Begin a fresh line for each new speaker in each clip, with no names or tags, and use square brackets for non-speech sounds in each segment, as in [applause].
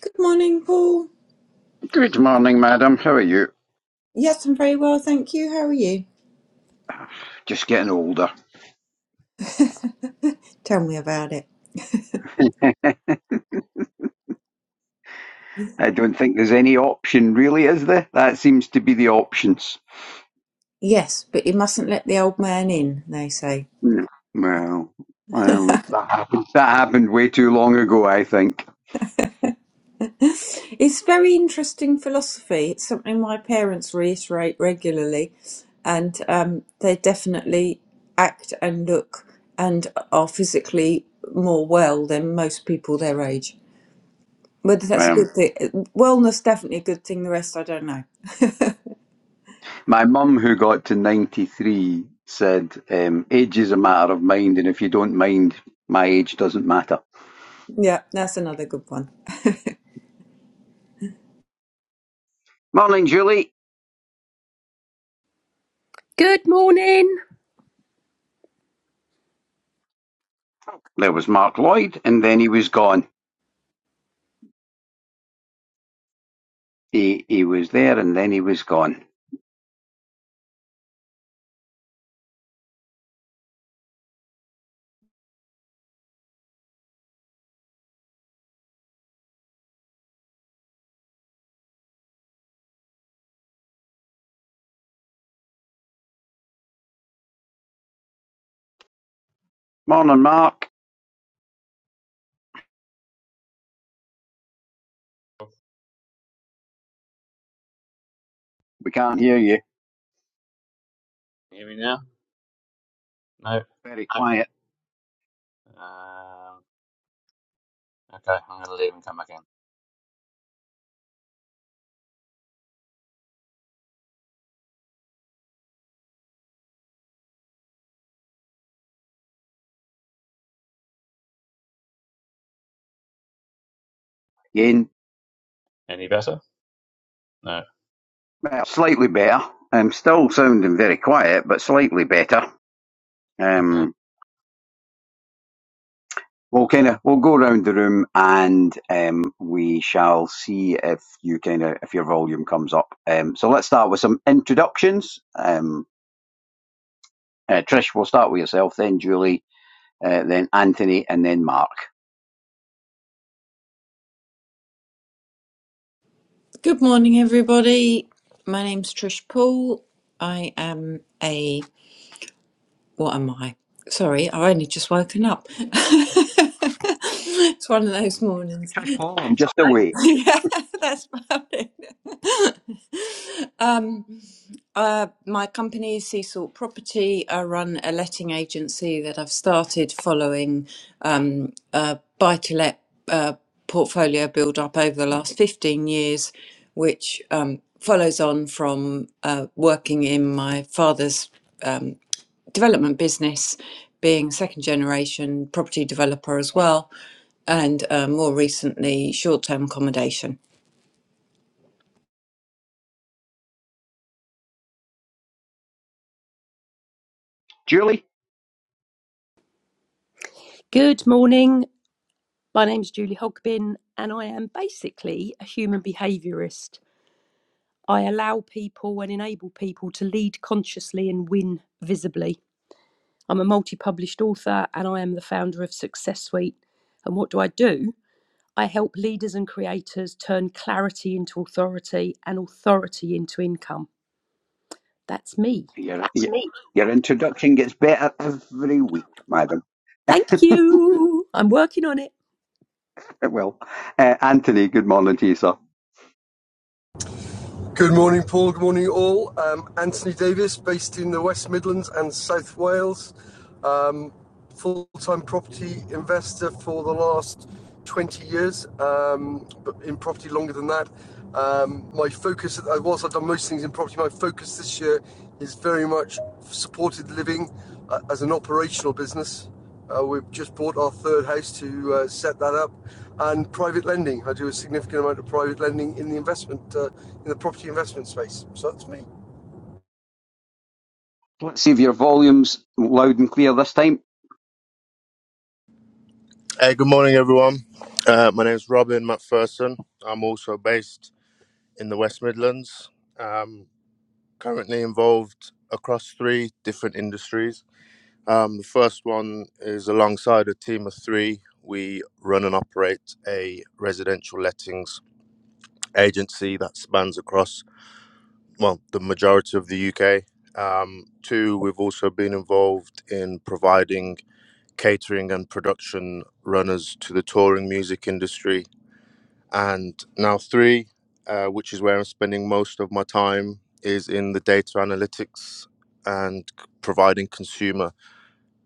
Good morning, Paul.
Good morning, madam. How are you?
Yes, I'm very well, thank you. How are you?
Just getting older.
[laughs] Tell me about it.
I don't think there's any option, really, is there? That seems to be the options.
Yes, but you mustn't let the old man in, they say.
Mm. Well, um, that happened. That happened way too long ago, I think.
[laughs] It's very interesting philosophy. It's something my parents reiterate regularly, and um, they definitely act and look and are physically more well than most people their age. Whether that's a
Um,
good thing, wellness definitely a good thing, the rest I don't know.
my mum, who got to ninety-three, said, um, "Age is a matter of mind, and if you don't mind, my age doesn't matter."
Yeah, that's another good one.
Morning, Julie.
Good morning.
There was Mark Lloyd, and then he was gone. He he was there, and then he was gone. Morning, Mark. We can't hear you.
Can you hear me now? No.
Very quiet
Um, okay, I'm going to leave and come back in.
again.
Any better? No.
Well, slightly better. I'm still sounding very quiet, but slightly better.
Okay.
Um, we'll kind of we'll go around the room and um, we shall see if you kind of if your volume comes up. Um, so let's start with some introductions. Um, uh, Trish, we'll start with yourself, then Julie, uh, then Anthony, and then Mark.
Good morning, everybody. My name's Trish Poole. I am a. What am I? Sorry, I only just woken up. [laughs] it's one of those
You
mornings.
touch Paul in just a way.
[laughs] Yeah, that's about it. [laughs] Um, uh, my company Sea Salt Property. I run a letting agency that I've started following um, a buy-to-let uh, portfolio build-up over the last 15 years, which um, follows on from uh, working in my father's um, development business, being second generation property developer as well, and uh, more recently, short term accommodation.
Julie,
Good morning. My name's Julie Hogbin, and I am basically a human behaviourist. I allow people and enable people to lead consciously and win visibly. I'm a multi published author, and I am the founder of Success Suite. And what do I do? I help leaders and creators turn clarity into authority and authority into income. That's me.
your, That's your, me. your introduction gets better every week, madam. [laughs]
Thank you. I'm working on it.
It will. Uh, Anthony, good morning to you, sir.
Good morning, Paul. Good morning, all. Um, Anthony Davis, based in the West Midlands and South Wales, um, full time property investor for the last 20 years, um, but in property longer than that. Um, my focus, I was, I've done most things in property. My focus this year is very much supported living uh, as an operational business. Uh, we've just bought our third house to uh, set that up, and private lending. I do a significant amount of private lending in the investment, uh, in the property investment space. So that's me.
Let's see if your volume's loud and clear this time.
Hey, good morning, everyone. Uh, my name is Robin McPherson. I'm also based in the West Midlands. Um, currently involved across three different industries. Um, the first one is alongside a team of three. We run and operate a residential lettings agency that spans across, well, the majority of the UK. Um, two, we've also been involved in providing catering and production runners to the touring music industry And now, three, uh, which is where I'm spending most of my time, is in the data analytics and c- providing consumer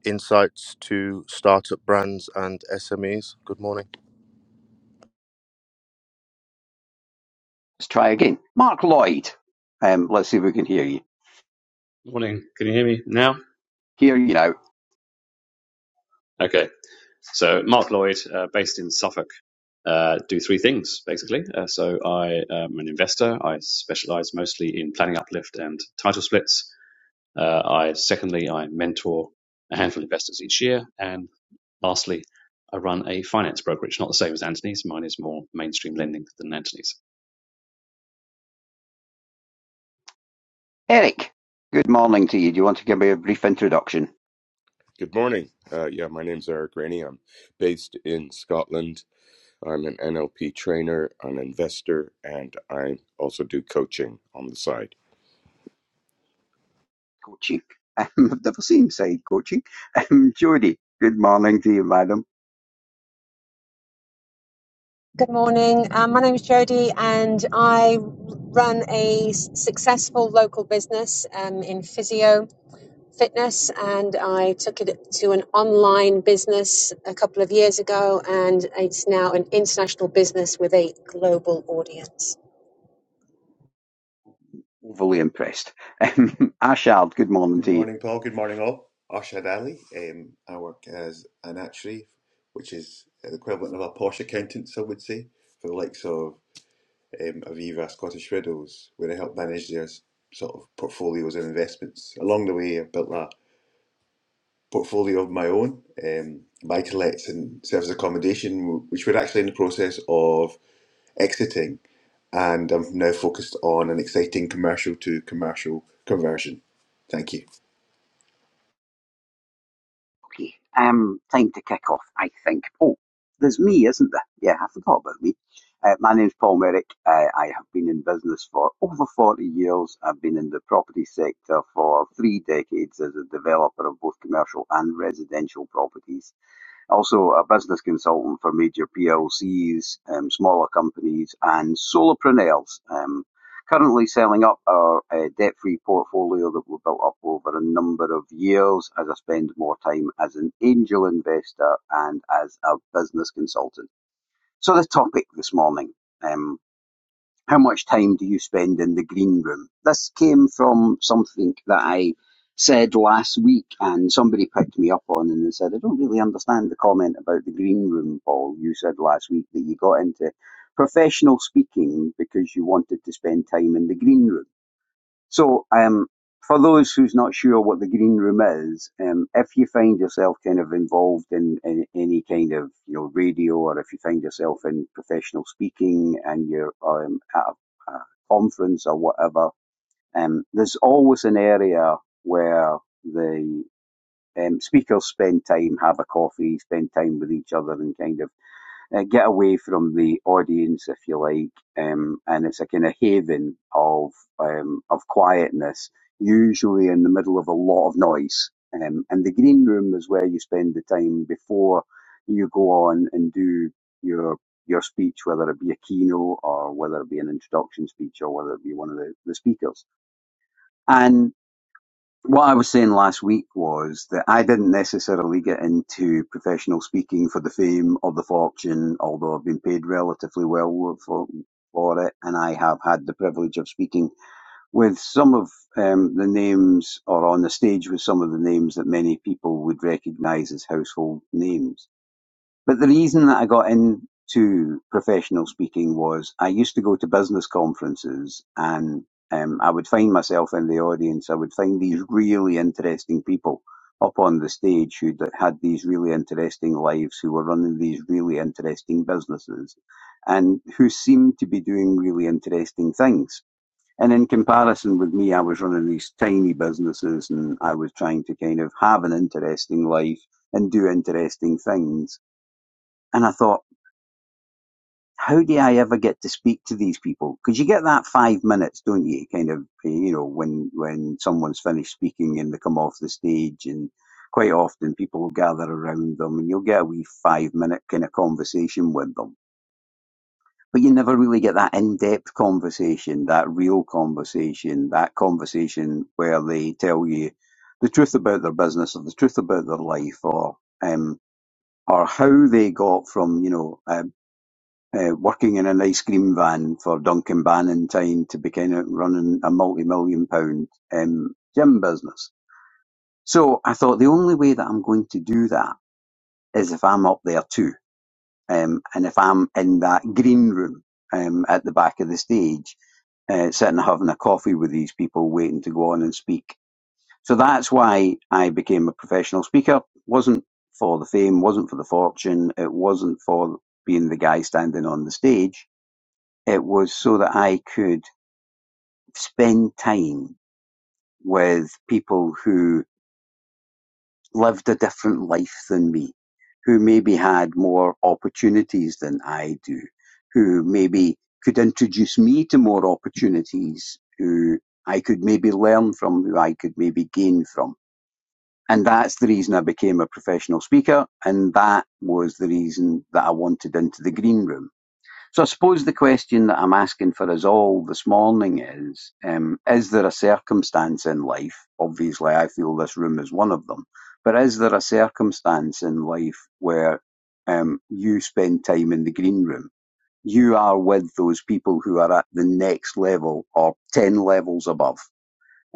insights to startup brands and SMEs. Good morning.
Let's try again. Mark Lloyd, um, let's see if we can hear you.
Morning. Can you hear me now?
Hear you now.
Okay. So Mark Lloyd, uh, based in Suffolk, uh, do three things basically. Uh, so I am an investor. I specialize mostly in planning uplift and title splits. Uh, I secondly, I mentor a handful of investors each year, and lastly, I run a finance brokerage. Not the same as Anthony's. Mine is more mainstream lending than Anthony's.
Eric, good morning to you. Do you want to give me a brief introduction?
Good morning. Uh, yeah, my name's Eric Rainey. I'm based in Scotland. I'm an NLP trainer, an investor, and I also do coaching on the side.
Coaching. [laughs] Um, I've never seen side coaching. Um, Jodie, good morning to you, madam.
Good morning. Um, my name is Jodie, and I run a s- successful local business um, in physio fitness and I took it to an online business a couple of years ago and it's now an international business with a global audience.
Overly impressed. [laughs] Um, Ashard, good morning
Good
to you.
morning, Paul. Good morning, all. Arshad Ali. Um, I work as an actuary, which is the equivalent of a posh accountant, I would say, for the likes of um, Aviva, Scottish Widows, where I help manage their sort of portfolios and investments. Along the way, I've built a portfolio of my own, um, buy to lets and service accommodation, which we're actually in the process of exiting. And I'm now focused on an exciting commercial to commercial conversion. Thank you.
Okay, um, time to kick off, I think. Oh, there's me, isn't there? Yeah, I forgot about me. Uh, my name's Paul Merrick. Uh, I have been in business for over 40 years. I've been in the property sector for three decades as a developer of both commercial and residential properties. Also a business consultant for major PLCs, um, smaller companies, and solopreneurs. Um, currently selling up our uh, debt-free portfolio that we built up over a number of years as I spend more time as an angel investor and as a business consultant. So the topic this morning. um, how much time do you spend in the green room? This came from something that I said last week, and somebody picked me up on and they said, I don't really understand the comment about the green room, Paul. You said last week that you got into professional speaking because you wanted to spend time in the green room. So, um, for those who's not sure what the green room is, um, if you find yourself kind of involved in, in any kind of you know radio, or if you find yourself in professional speaking and you're um, at a, a conference or whatever, um, there's always an area where the um, speakers spend time, have a coffee, spend time with each other, and kind of uh, get away from the audience, if you like, um, and it's a kind of haven of um, of quietness, usually in the middle of a lot of noise. Um, and the green room is where you spend the time before you go on and do your your speech, whether it be a keynote or whether it be an introduction speech or whether it be one of the, the speakers. And what I was saying last week was that I didn't necessarily get into professional speaking for the fame or the fortune, although I've been paid relatively well for for it, and I have had the privilege of speaking with some of um, the names, or on the stage with some of the names that many people would recognise as household names. But the reason that I got into professional speaking was I used to go to business conferences and um, I would find myself in the audience. I would find these really interesting people up on the stage who had these really interesting lives, who were running these really interesting businesses and who seemed to be doing really interesting things. And in comparison with me, I was running these tiny businesses and I was trying to kind of have an interesting life and do interesting things and I thought, how do I ever get to speak to these people? Because you get that five minutes, don't you? Kind of, you know, when when someone's finished speaking and they come off the stage, and quite often people will gather around them, and you'll get a wee five minute kind of conversation with them. But you never really get that in depth conversation, that real conversation, that conversation where they tell you the truth about their business or the truth about their life or um, or how they got from you know a, uh, working in an ice cream van for Duncan Bannintyn to be kind of running a multi-million pound um, gym business. So I thought the only way that I'm going to do that is if I'm up there too, um, and if I'm in that green room um, at the back of the stage, uh, sitting having a coffee with these people, waiting to go on and speak. So that's why I became a professional speaker. wasn't for the fame, wasn't for the fortune, it wasn't for being the guy standing on the stage it was so that I could spend time with people who lived a different life than me, who maybe had more opportunities than I do, who maybe could introduce me to more opportunities, who I could maybe learn from, who I could maybe gain from. And that's the reason I became a professional speaker, and that was the reason that I wanted into the green room. So I suppose the question that I'm asking for us all this morning is, um, is there a circumstance in life? Obviously, I feel this room is one of them. But is there a circumstance in life where um, you spend time in the green room? You are with those people who are at the next level or 10 levels above.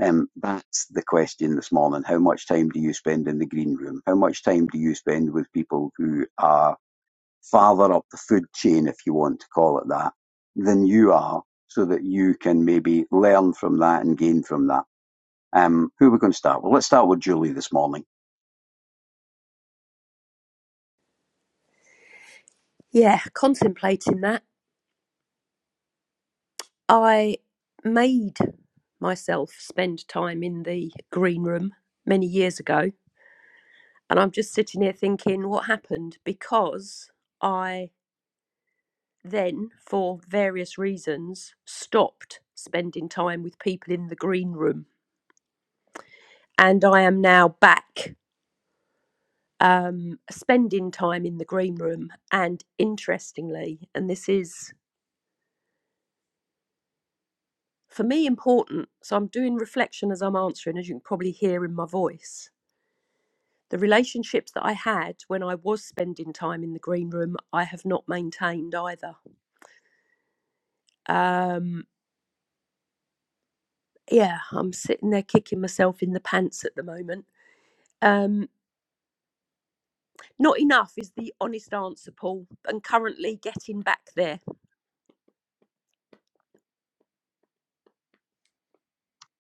Um, that's the question this morning. How much time do you spend in the green room? How much time do you spend with people who are farther up the food chain, if you want to call it that, than you are, so that you can maybe learn from that and gain from that. Um, who are we going to start with? Let's start with Julie this morning.
Yeah, contemplating that. I made myself spend time in the green room many years ago. And I'm just sitting here thinking, what happened? Because I then, for various reasons, stopped spending time with people in the green room. And I am now back um, spending time in the green room. And interestingly, and this is for me important, so I'm doing reflection as I'm answering, as you can probably hear in my voice The relationships that I had when I was spending time in the green room, I have not maintained either. Um, yeah, I'm sitting there kicking myself in the pants at the moment. Um, not enough is the honest answer, Paul, and currently getting back there.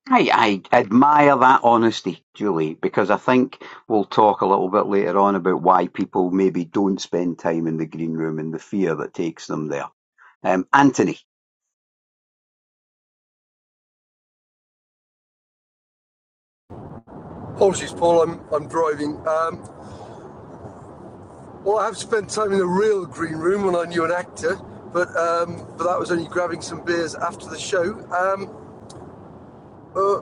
I, I admire that honesty, Julie, because I think we'll talk a little bit later on about why people maybe don't spend time in the green room and the fear that takes them there. Um, Anthony.
Apologies, Paul. I'm I'm driving. Um, well, I have spent time in the real green room when I knew an actor, but um, but that was only grabbing some beers after the show. Um, uh,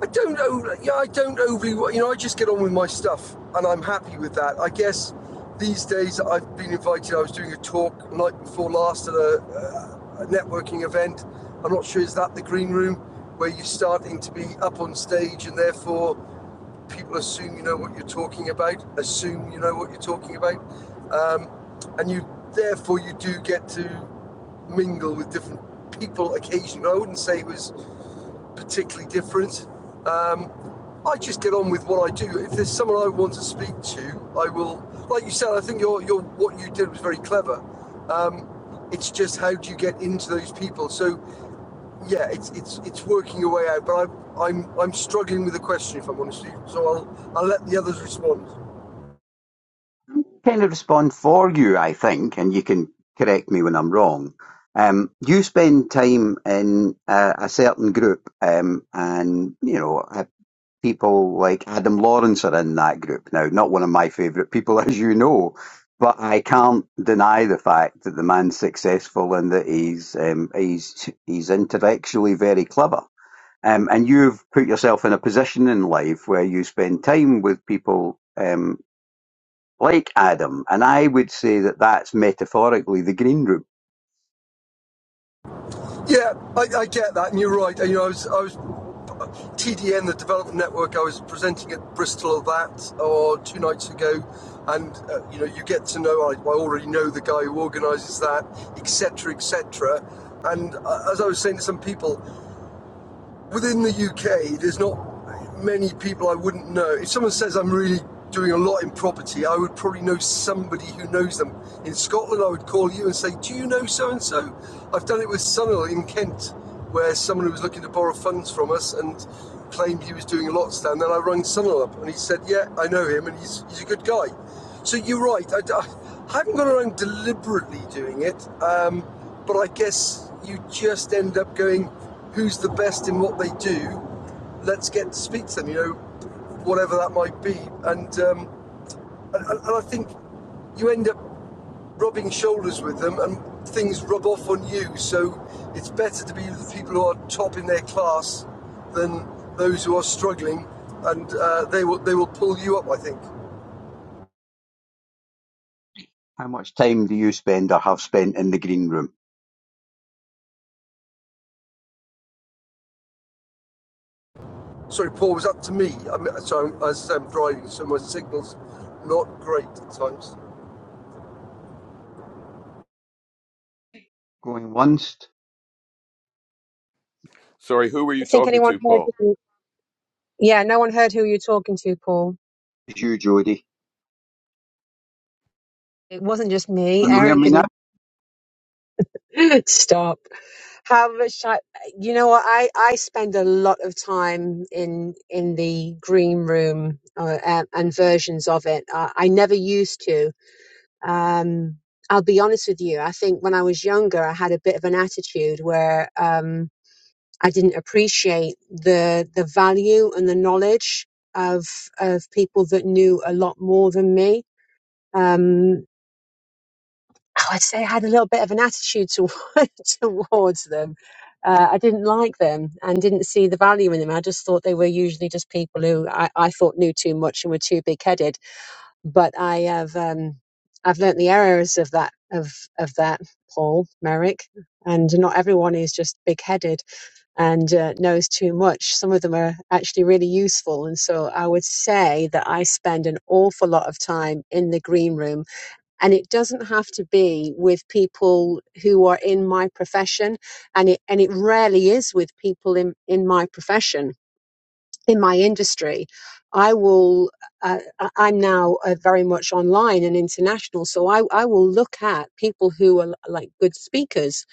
I don't know. Yeah, I don't overly. You know, I just get on with my stuff, and I'm happy with that. I guess these days I've been invited. I was doing a talk night before last at a, uh, a networking event. I'm not sure is that the green room where you're starting to be up on stage, and therefore people assume you know what you're talking about. Assume you know what you're talking about, um, and you therefore you do get to mingle with different people occasionally. I wouldn't say it was particularly different. Um, I just get on with what I do. If there's someone I want to speak to, I will. Like you said, I think your your what you did was very clever. Um, it's just how do you get into those people? So yeah, it's it's it's working your way out. But I'm I'm I'm struggling with the question if I'm honest. With you. So I'll I'll let the others respond.
kind of respond for you, I think, and you can correct me when I'm wrong. Um, you spend time in a, a certain group, um, and you know uh, people like Adam Lawrence are in that group now. Not one of my favourite people, [laughs] as you know, but I can't deny the fact that the man's successful and that he's um, he's he's intellectually very clever. Um, and you've put yourself in a position in life where you spend time with people. um, like Adam, and I would say that that's metaphorically the green room.
Yeah, I, I get that, and you're right. you know, I was, I was TDN, the development network. I was presenting at Bristol of that or two nights ago, and uh, you know, you get to know. I, I already know the guy who organises that, etc., etc. And uh, as I was saying to some people, Within the UK, there's not many people I wouldn't know. If someone says I'm really doing a lot in property, I would probably know somebody who knows them. In Scotland, I would call you and say, Do you know so and so? I've done it with Sunil in Kent, where someone who was looking to borrow funds from us and claimed he was doing a lot stand. Then I rang Sunil up and he said, Yeah, I know him and he's, he's a good guy. So you're right. I d- I haven't gone around deliberately doing it, um, but I guess you just end up going, who's the best in what they do. Let's get to speak to them, you know, whatever that might be. And um, and, and I think you end up rubbing shoulders with them, and things rub off on you. So it's better to be with the people who are top in their class than those who are struggling, and uh, they will they will pull you up. I think.
How much time do you spend or have spent in the green room?
Sorry, Paul, it was up to me. I'm, sorry, as I'm driving, so my signal's not great at times.
Going once,
Sorry, who were you
I think
talking
anyone
to,
heard
Paul?
who, yeah, no one heard who you're talking to, Paul.
it's you, Jodie.
It wasn't just me.
Can you hear
Eric
me now?
didn't [laughs] stop. How much I, you know what? I, I spend a lot of time in, in the green room uh, and, and versions of it. Uh, I never used to. Um, I'll be honest with you. I think when I was younger, I had a bit of an attitude where um, I didn't appreciate the the value and the knowledge of of people that knew a lot more than me. Um, I'd say I had a little bit of an attitude toward, [laughs] towards them. Uh, I didn't like them and didn't see the value in them. I just thought they were usually just people who I, I thought knew too much and were too big headed but I have um, I've learnt the errors of that of of that Paul Merrick, and not everyone is just big headed and uh, knows too much. Some of them are actually really useful, and so I would say that I spend an awful lot of time in the green room, and it doesn't have to be with people who are in my profession, and it and it rarely is with people in in my profession in my industry, I will. Uh, I- am now uh, very much online and international, so I, I will look at people who are like good speakers,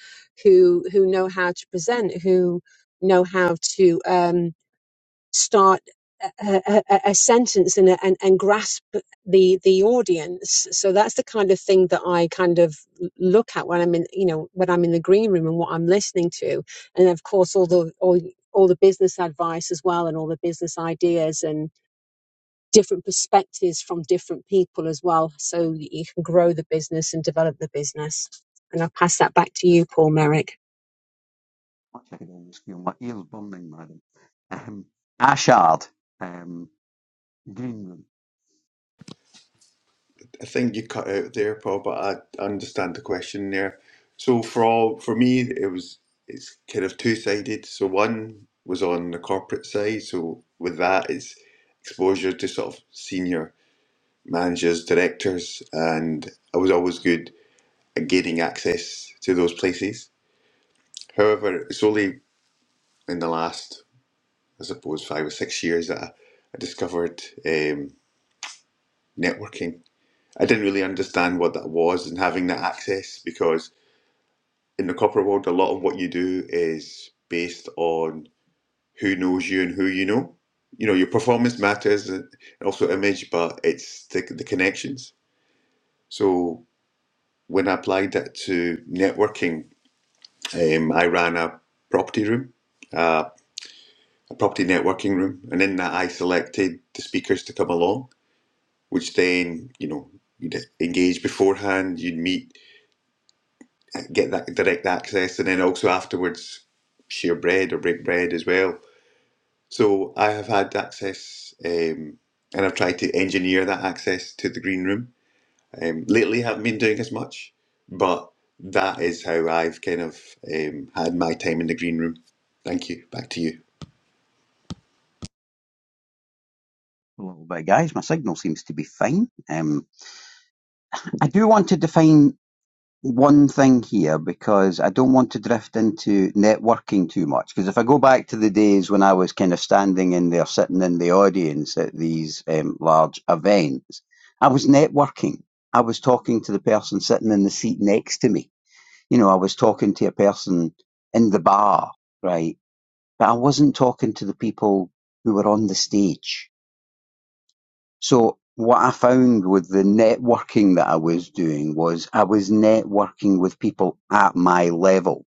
who who know how to present, who know how to. Um, start a, a, a sentence and, a- and and grasp the the audience so that's the kind of thing that i kind of look at when i'm in you know when i'm in the green room and what i'm listening to and of course all the all, all the business advice as well and all the business ideas and different perspectives from different people as well so you can grow the business and develop the business and i'll pass that back to you paul merrick
I can almost feel my ears burning, madam. Um, Ashard, um, green room.
I think you cut out there, Paul, but I understand the question there. So for all for me, it was it's kind of two sided. So one was on the corporate side. So with that, it's exposure to sort of senior managers, directors, and I was always good at gaining access to those places. However, it's only in the last, I suppose, five or six years that I, I discovered um, networking. I didn't really understand what that was and having that access because in the corporate world, a lot of what you do is based on who knows you and who you know. You know, your performance matters and also image, but it's the, the connections. So when I applied that to networking, um, I ran a property room, uh, a property networking room, and in that I selected the speakers to come along, which then, you know, you'd engage beforehand, you'd meet, get that direct access, and then also afterwards share bread or break bread as well So I have had access, um, and I've tried to engineer that access to the green room. Um, lately, I haven't been doing as much, but that is how I've kind of um, had my time in the green room. Thank you. Back to you.
A little bit, guys. My signal seems to be fine. Um, I do want to define one thing here because I don't want to drift into networking too much. Because if I go back to the days when I was kind of standing in there, sitting in the audience at these um, large events, I was networking. I was talking to the person sitting in the seat next to me. You know, I was talking to a person in the bar, right? But I wasn't talking to the people who were on the stage. So what I found with the networking that I was doing was I was networking with people at my level.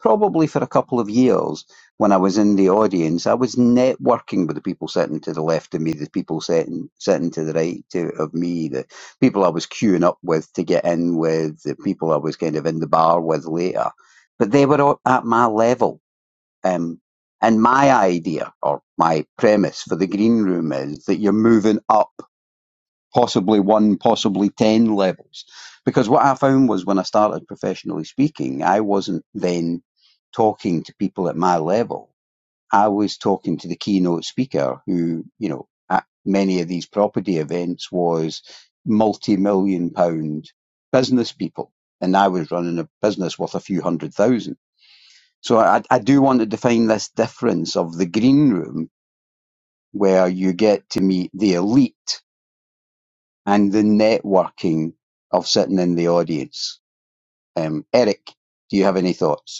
Probably for a couple of years when I was in the audience, I was networking with the people sitting to the left of me, the people sitting, sitting to the right to, of me, the people I was queuing up with to get in with, the people I was kind of in the bar with later. But they were all at my level. Um, and my idea or my premise for the green room is that you're moving up possibly one, possibly 10 levels. Because what I found was when I started professionally speaking, I wasn't then talking to people at my level. I was talking to the keynote speaker who, you know, at many of these property events was multi-million pound business people. And I was running a business worth a few hundred thousand. So I, I do want to define this difference of the green room where you get to meet the elite and the networking of sitting in the audience. Um, Eric, do you have any thoughts?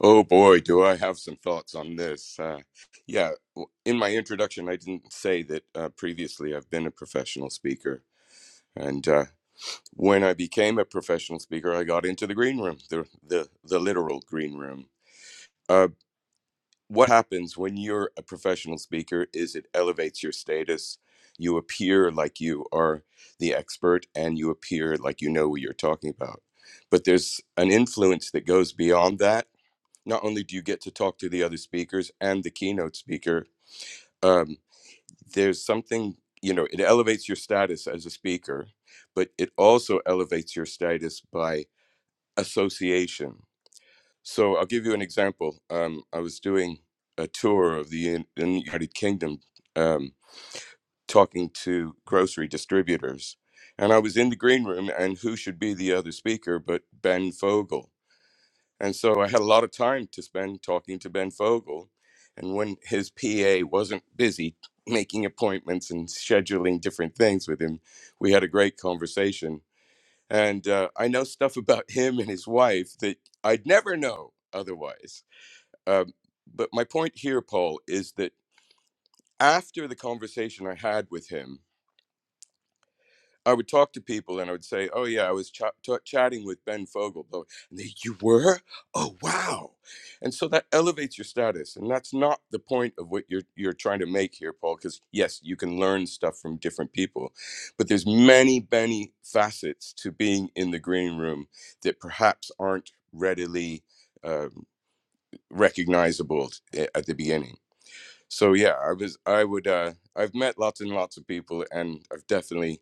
Oh boy, do I have some thoughts on this. Uh, yeah, w- in my introduction, I didn't say that uh, previously I've been a professional speaker. And uh, when I became a professional speaker, I got into the green room, the, the, the literal green room. Uh, what happens when you're a professional speaker is it elevates your status. You appear like you are the expert and you appear like you know what you're talking about. But there's an influence that goes beyond that. Not only do you get to talk to the other speakers and the keynote speaker, um, there's something, you know, it elevates your status as a speaker, but it also elevates your status by association so I'll give you an example. Um, I was doing a tour of the in, in the United Kingdom, um, talking to grocery distributors, and I was in the green room, and who should be the other speaker but Ben Fogel? And so I had a lot of time to spend talking to Ben Fogel, and when his PA wasn't busy making appointments and scheduling different things with him, we had a great conversation. And uh, I know stuff about him and his wife that I'd never know otherwise. Um, but my point here, Paul, is that after the conversation I had with him, I would talk to people and I would say, "Oh yeah, I was ch- ch chatting with Ben Fogle." and they, you were, oh wow, and so that elevates your status, and that's not the point of what you're you're trying to make here, Paul. Because yes, you can learn stuff from different people, but there's many, many facets to being in the green room that perhaps aren't readily um, recognizable at the beginning. so yeah i was i would uh i've met lots and lots of people and i've definitely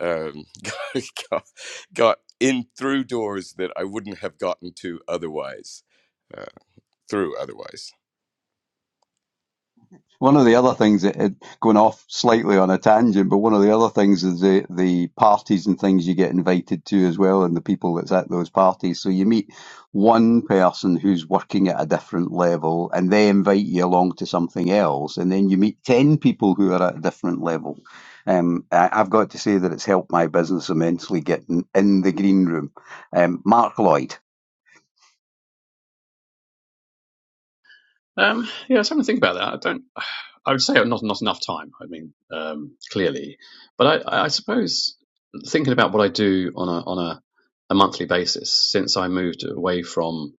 um [laughs] got, got in through doors that i wouldn't have gotten to otherwise uh, through otherwise
One of the other things that it, going off slightly on a tangent, but one of the other things is the the parties and things you get invited to as well, and the people that's at those parties. So you meet one person who's working at a different level, and they invite you along to something else, and then you meet ten people who are at a different level. Um, I, I've got to say that it's helped my business immensely getting in the green room. Um, Mark Lloyd.
Um, yeah, I was having to think about that. I don't. I would say not not enough time. I mean, um, clearly, but I, I suppose thinking about what I do on a on a, a monthly basis since I moved away from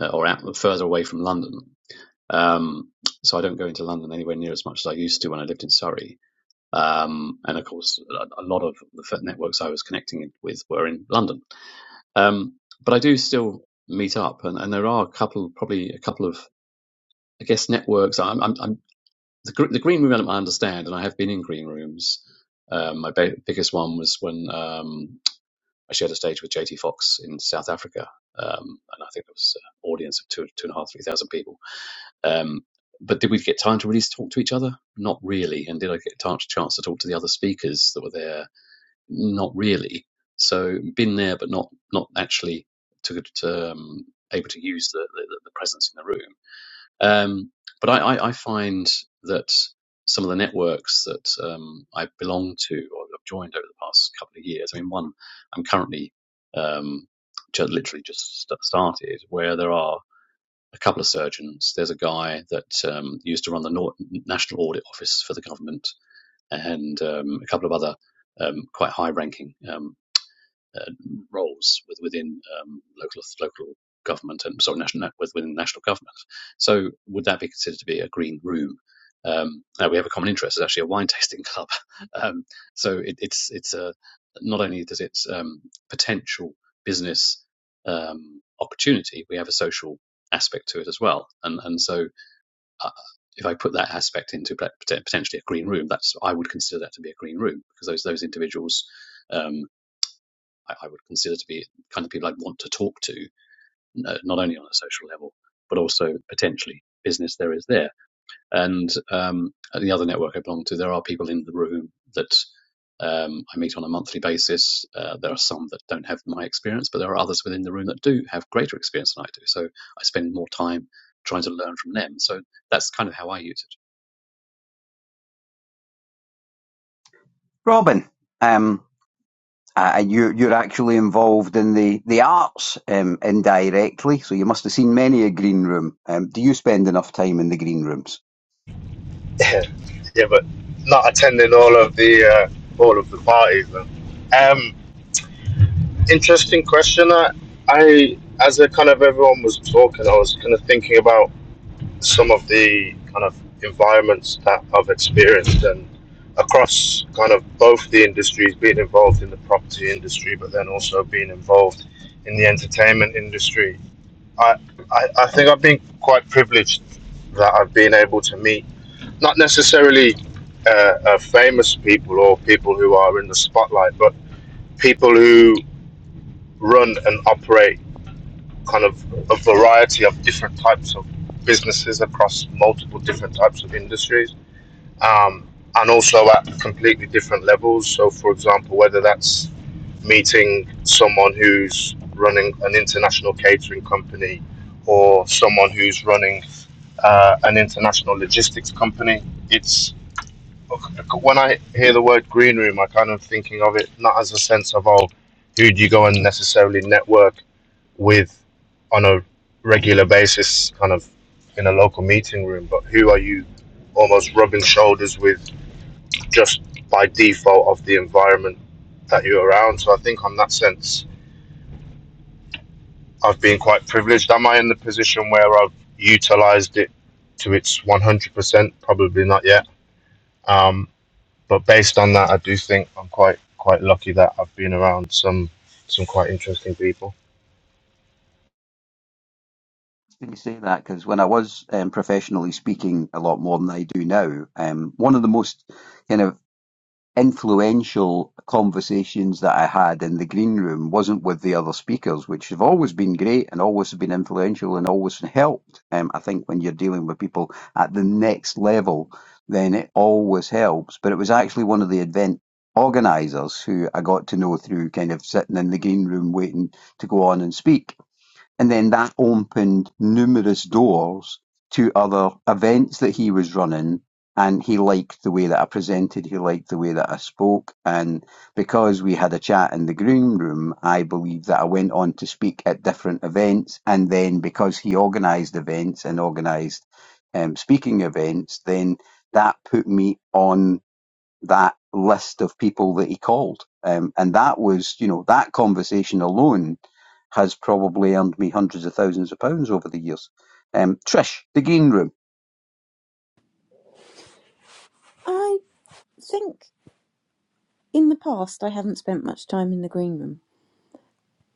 uh, or out further away from London. Um, so I don't go into London anywhere near as much as I used to when I lived in Surrey. Um, and of course, a, a lot of the networks I was connecting with were in London. Um, but I do still meet up, and, and there are a couple, probably a couple of I guess networks. I'm, I'm, I'm the, the green room element I understand, and I have been in green rooms. Um, my biggest one was when um, I shared a stage with JT Fox in South Africa, um, and I think it was an audience of two, two and a half, three thousand people. Um, but did we get time to really talk to each other? Not really. And did I get a chance chance to talk to the other speakers that were there? Not really. So been there, but not not actually to, to um, able to use the, the the presence in the room. Um, but I, I, I find that some of the networks that um, I belong to or have joined over the past couple of years, I mean, one I'm currently um, just literally just started, where there are a couple of surgeons. There's a guy that um, used to run the Nor- National Audit Office for the government, and um, a couple of other um, quite high-ranking. um, uh, roles with, within um, local local government and sorry, national within national government. So would that be considered to be a green room? Um, now we have a common interest. It's actually a wine [laughs] tasting club. Um, so it, it's it's a not only does it um, potential business um, opportunity, we have a social aspect to it as well. And and so uh, if I put that aspect into potentially a green room, that's I would consider that to be a green room because those those individuals. um, I, I would consider to be kind of people I'd want to talk to, not only on a social level, but also potentially business there is there. And um, at the other network I belong to, there are people in the room that um, I meet on a monthly basis. Uh, there are some that don't have my experience, but there are others within the room that do have greater experience than I do. So I spend more time trying to learn from them. So that's kind of how I use it.
Robin, um, uh, you, you're actually involved in the, the arts um, indirectly, so you must have seen many a green room. Um, do you spend enough time in the green rooms?
Yeah, but not attending all of the uh, all of the parties. Then. Um, interesting question. I, I, as a kind of everyone was talking, I was kind of thinking about. some of the kind of environments that I've experienced and across kind of both the industries, being involved in the property industry, but then also being involved in the entertainment industry. I, I, I think I've been quite privileged that I've been able to meet not necessarily uh, uh, famous people or people who are in the spotlight, but people who run and operate kind of a variety of different types of businesses across multiple different types of industries, um, and also at completely different levels. So, for example, whether that's meeting someone who's running an international catering company or someone who's running uh, an international logistics company, it's when I hear the word green room, I kind of thinking of it not as a sense of oh, who do you go and necessarily network with on a regular basis, kind of in a local meeting room, but who are you almost rubbing shoulders with just by default of the environment that you're around? So I think on that sense, I've been quite privileged. Am I in the position where I've utilized it to its 100%? Probably not yet. Um, but based on that, I do think I'm quite quite lucky that I've been around some some quite interesting people.
Can you say that? Because when I was um, professionally speaking a lot more than I do now, um, one of the most kind of influential conversations that I had in the green room wasn't with the other speakers, which have always been great and always been influential and always helped. Um, I think when you're dealing with people at the next level, then it always helps. But it was actually one of the event organisers who I got to know through kind of sitting in the green room waiting to go on and speak and then that opened numerous doors to other events that he was running. And he liked the way that I presented, he liked the way that I spoke. And because we had a chat in the green room, I believe that I went on to speak at different events. And then because he organised events and organised um, speaking events, then that put me on that list of people that he called. Um, and that was, you know, that conversation alone has probably earned me hundreds of thousands of pounds over the years. Um, Trish, the game room.
I think in the past I haven't spent much time in the green room,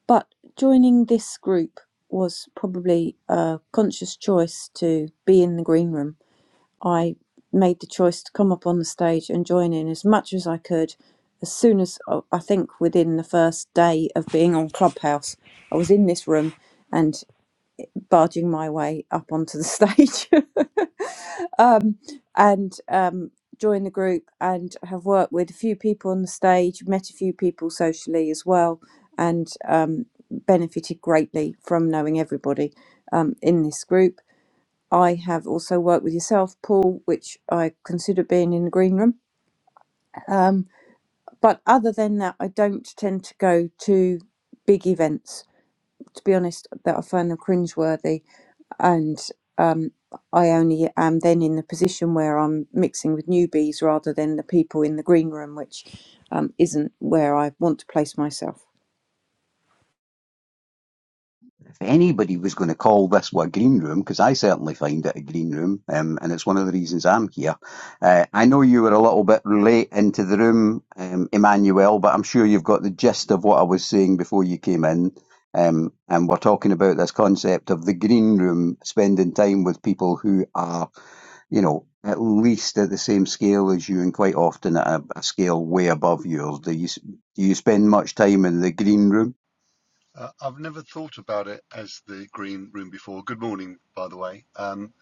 but joining this group was probably a conscious choice to be in the green room. I made the choice to come up on the stage and join in as much as I could. As soon as uh, I think within the first day of being on Clubhouse, I was in this room and. barging my way up onto the stage [laughs] um, and um, joined the group and have worked with a few people on the stage, met a few people socially as well, and um, benefited greatly from knowing everybody um, in this group. I have also worked with yourself, Paul, which I consider being in the green room. Um, but other than that, I don't tend to go to big events. To be honest, that I find them cringeworthy and um, I only am then in the position where I'm mixing with newbies rather than the people in the green room, which um, isn't where I want to place myself.
if anybody was going to call this a green room, because I certainly find it a green room, um, and it's one of the reasons I'm here. Uh, I know you were a little bit late into the room, um, Emmanuel, but I'm sure you've got the gist of what I was saying before you came in. Um, and we're talking about this concept of the green room, spending time with people who are, you know, at least at the same scale as you, and quite often at a, a scale way above yours. Do you do you spend much time in the green room?
Uh, I've never thought about it as the green room before. Good morning, by the way. Um,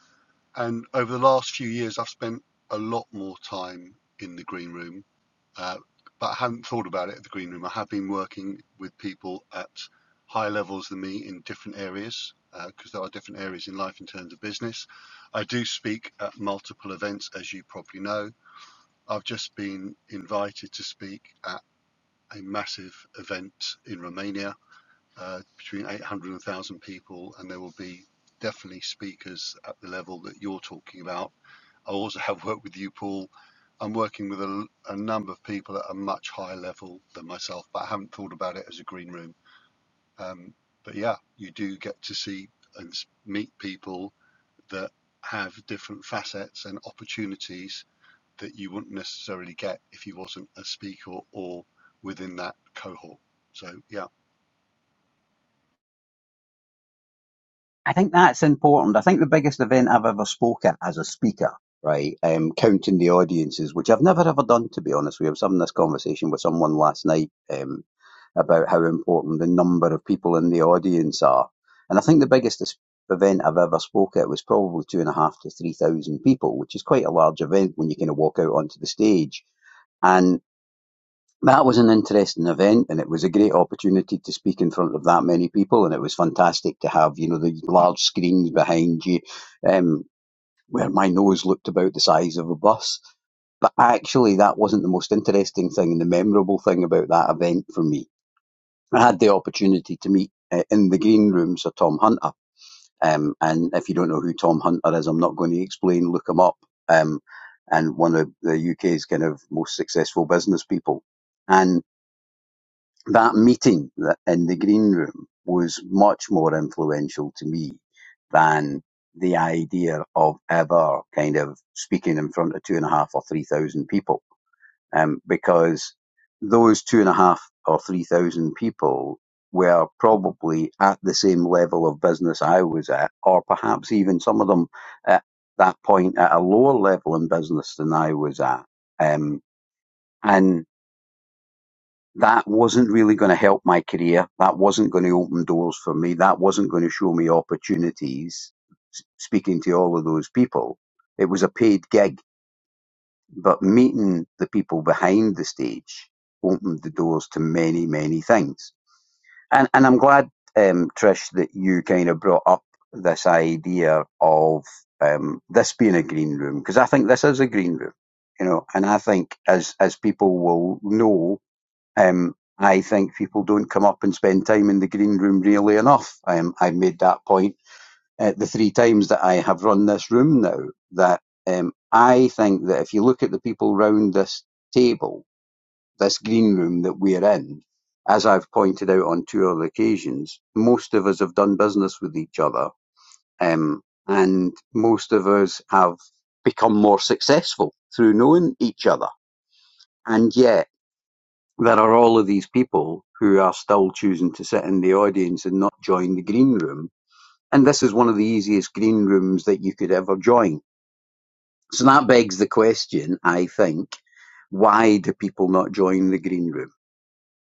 and over the last few years, I've spent a lot more time in the green room, uh, but I hadn't thought about it at the green room. I have been working with people at higher levels than me in different areas, because uh, there are different areas in life in terms of business. I do speak at multiple events, as you probably know. I've just been invited to speak at a massive event in Romania uh, between 800 and 1,000 people, and there will be definitely speakers at the level that you're talking about. I also have worked with you, Paul. I'm working with a, a number of people at a much higher level than myself, but I haven't thought about it as a green room. Um, but yeah, you do get to see and meet people that have different facets and opportunities that you wouldn't necessarily get if you wasn't a speaker or within that cohort. So yeah,
I think that's important. I think the biggest event I've ever spoken as a speaker, right, um, counting the audiences, which I've never ever done, to be honest. We were having this conversation with someone last night um, about how important the number of people in the audience are. And I think the biggest es- event I've ever spoke at was probably two and a half to three thousand people, which is quite a large event when you kind of walk out onto the stage. and. That was an interesting event, and it was a great opportunity to speak in front of that many people. And it was fantastic to have, you know, the large screens behind you, um, where my nose looked about the size of a bus. But actually, that wasn't the most interesting thing and the memorable thing about that event for me. I had the opportunity to meet uh, in the green room Sir Tom Hunter. Um, and if you don't know who Tom Hunter is, I'm not going to explain. Look him up. Um, and one of the UK's kind of most successful business people. And that meeting in the green room was much more influential to me than the idea of ever kind of speaking in front of two and a half or three thousand people. Um, because those two and a half or three thousand people were probably at the same level of business I was at, or perhaps even some of them at that point at a lower level in business than I was at. Um, and that wasn't really going to help my career. That wasn't going to open doors for me. That wasn't going to show me opportunities s- speaking to all of those people. It was a paid gig, but meeting the people behind the stage opened the doors to many, many things. And, and I'm glad, um, Trish, that you kind of brought up this idea of um, this being a green room, because I think this is a green room, you know, and I think as, as people will know um, I think people don't come up and spend time in the green room really enough. Um, I've made that point uh, the three times that I have run this room now. That um, I think that if you look at the people round this table, this green room that we're in, as I've pointed out on two other occasions, most of us have done business with each other, um, and most of us have become more successful through knowing each other. And yeah, there are all of these people who are still choosing to sit in the audience and not join the green room. And this is one of the easiest green rooms that you could ever join. So that begs the question, I think, why do people not join the green room?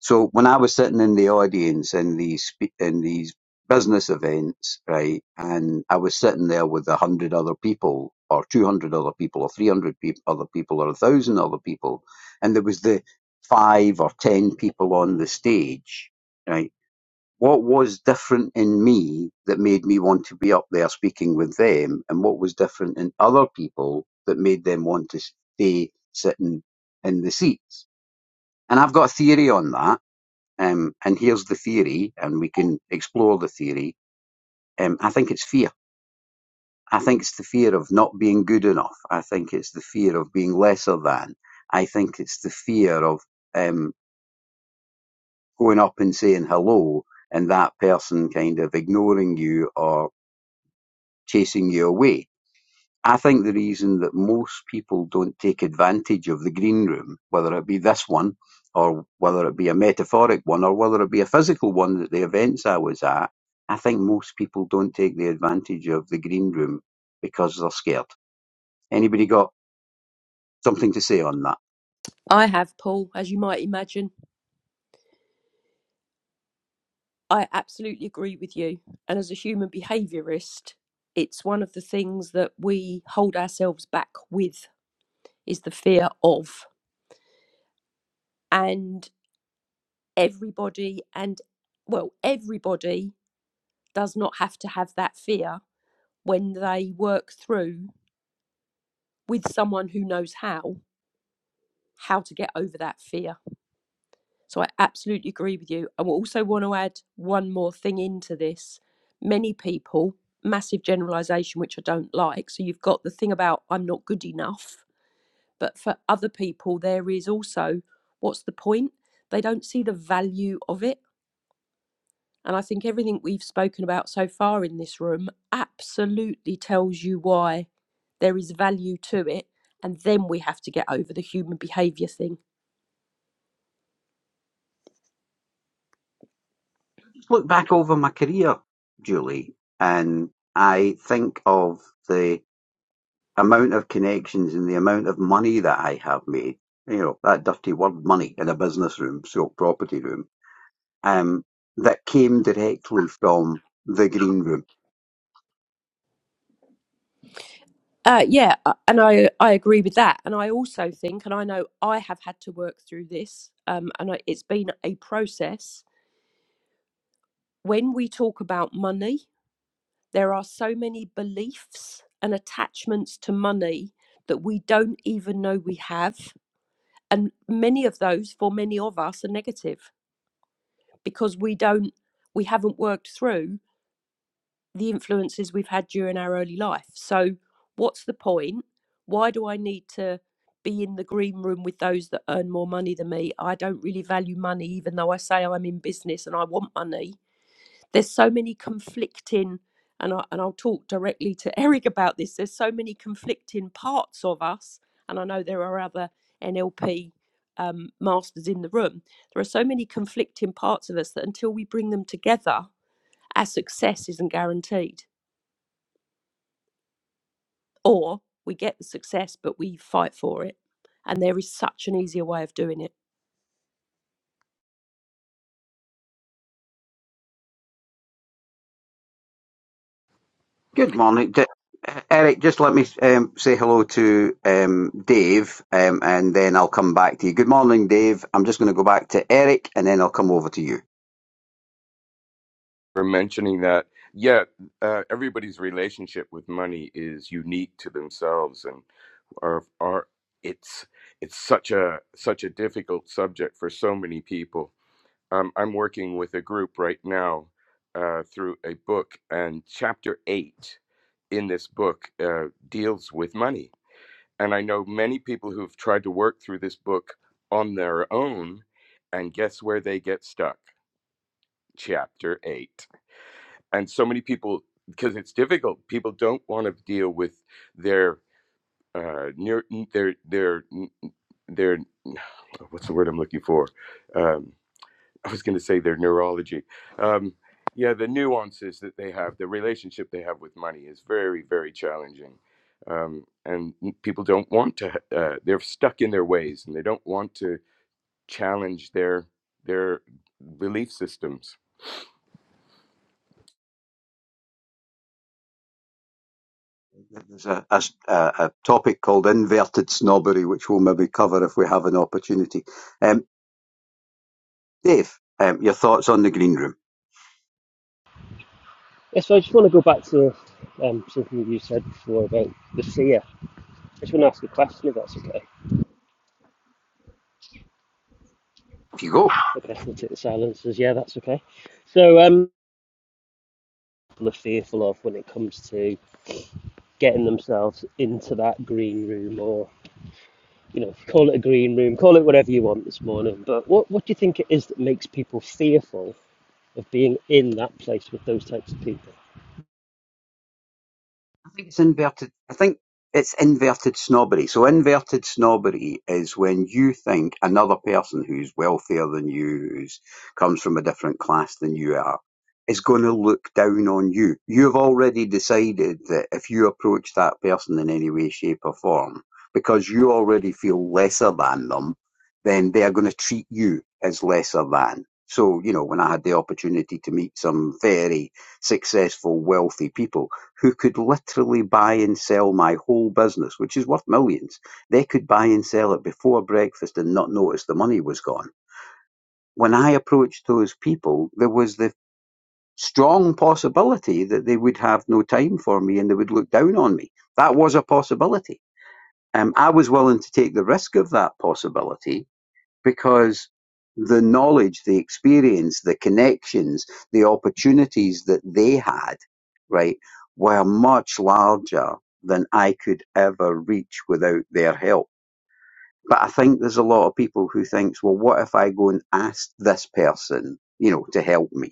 So when I was sitting in the audience in these spe- in these business events, right, and I was sitting there with a hundred other people, or two hundred other people, or three hundred peop other people, or a thousand other people, and there was the five or ten people on the stage, right. What was different in me that made me want to be up there speaking with them, and what was different in other people that made them want to stay sitting in the seats? And I've got a theory on that um, and here's the theory, and we can explore the theory. Um, I think it's fear. I think it's the fear of not being good enough. I think it's the fear of being lesser than. I think it's the fear of um, going up and saying hello and that person kind of ignoring you or chasing you away. I think the reason that most people don't take advantage of the green room, whether it be this one, or whether it be a metaphoric one, or whether it be a physical one at the events I was at, I think most people don't take the advantage of the green room because they're scared. Anybody got something to say on that?
I have, Paul, as you might imagine. I absolutely agree with you. And as a human behaviourist, it's one of the things that we hold ourselves back with is the fear of. And everybody and well everybody does not have to have that fear when they work through with someone who knows how how to get over that fear so i absolutely agree with you i also want to add one more thing into this many people massive generalization which i don't like so you've got the thing about i'm not good enough but for other people there is also what's the point they don't see the value of it And I think everything we've spoken about so far in this room absolutely tells you why there is value to it. And then we have to get over the human behaviour thing.
Look back over my career, Julie, and I think of the amount of connections and the amount of money that I have made you know, that dirty word money in a business room, so property room um, that came directly from the green room.
Uh, yeah, uh, and I, I agree with that. And I also think, and I know I have had to work through this, um, and I, it's been a process. When we talk about money, there are so many beliefs and attachments to money that we don't even know we have. And many of those, for many of us, are negative because we don't we haven't worked through the influences we've had during our early life so what's the point why do i need to be in the green room with those that earn more money than me i don't really value money even though i say i'm in business and i want money there's so many conflicting and I, and I'll talk directly to [laughs] Eric about this there's so many conflicting parts of us and I know there are other NLP um, masters in the room there are so many conflicting parts of us that until we bring them together our success isn't guaranteed or we get the success but we fight for it and there is such an easier way of doing it
Good morning, D- uh, Eric. Just let me um, say hello to um, Dave, um, and then I'll come back to you. Good morning, Dave. I'm just going to go back to Eric, and then I'll come over to you.
for mentioning that yeah uh, everybody's relationship with money is unique to themselves and. or or it's it's such a such a difficult subject for so many people. Um, I'm working with a group right now uh, through a book, and chapter eight in this book uh, deals with money. And I know many people who've tried to work through this book on their own, and guess where they get stuck? Chapter eight. And so many people, because it's difficult, people don't want to deal with their uh, near their their their what's the word I'm looking for? Um, I was going to say their neurology. Um, yeah, the nuances that they have, the relationship they have with money is very, very challenging. Um, and people don't want to, uh, they're stuck in their ways and they don't want to challenge their their belief systems.
There's a a, a topic called inverted snobbery, which we'll maybe cover if we have an opportunity. Um, Dave, um, your thoughts on the green room?
Yes, so I just want to go back to um, something you said before about the seer. I just want to ask a question if that's okay.
If you go.
Okay, we'll take the silence as yeah, that's okay. So, um, people are fearful of when it comes to getting themselves into that green room or, you know, call it a green room, call it whatever you want this morning. But what, what do you think it is that makes people fearful of being in that place with those types of people?
I think it's inverted. I think it's inverted snobbery. So inverted snobbery is when you think another person who's wealthier than you, who's comes from a different class than you are, is going to look down on you. You've already decided that if you approach that person in any way, shape, or form, because you already feel lesser than them, then they are going to treat you as lesser than. So, you know, when I had the opportunity to meet some very successful, wealthy people, who could literally buy and sell my whole business, which is worth millions. They could buy and sell it before breakfast and not notice the money was gone. When I approached those people, there was the strong possibility that they would have no time for me and they would look down on me. That was a possibility. Um, I was willing to take the risk of that possibility because the knowledge, the experience, the connections, the opportunities that they had, right, were much larger than I could ever reach without their help. But I think there's a lot of people who thinks, well, what if I go and ask this person, you know, to help me?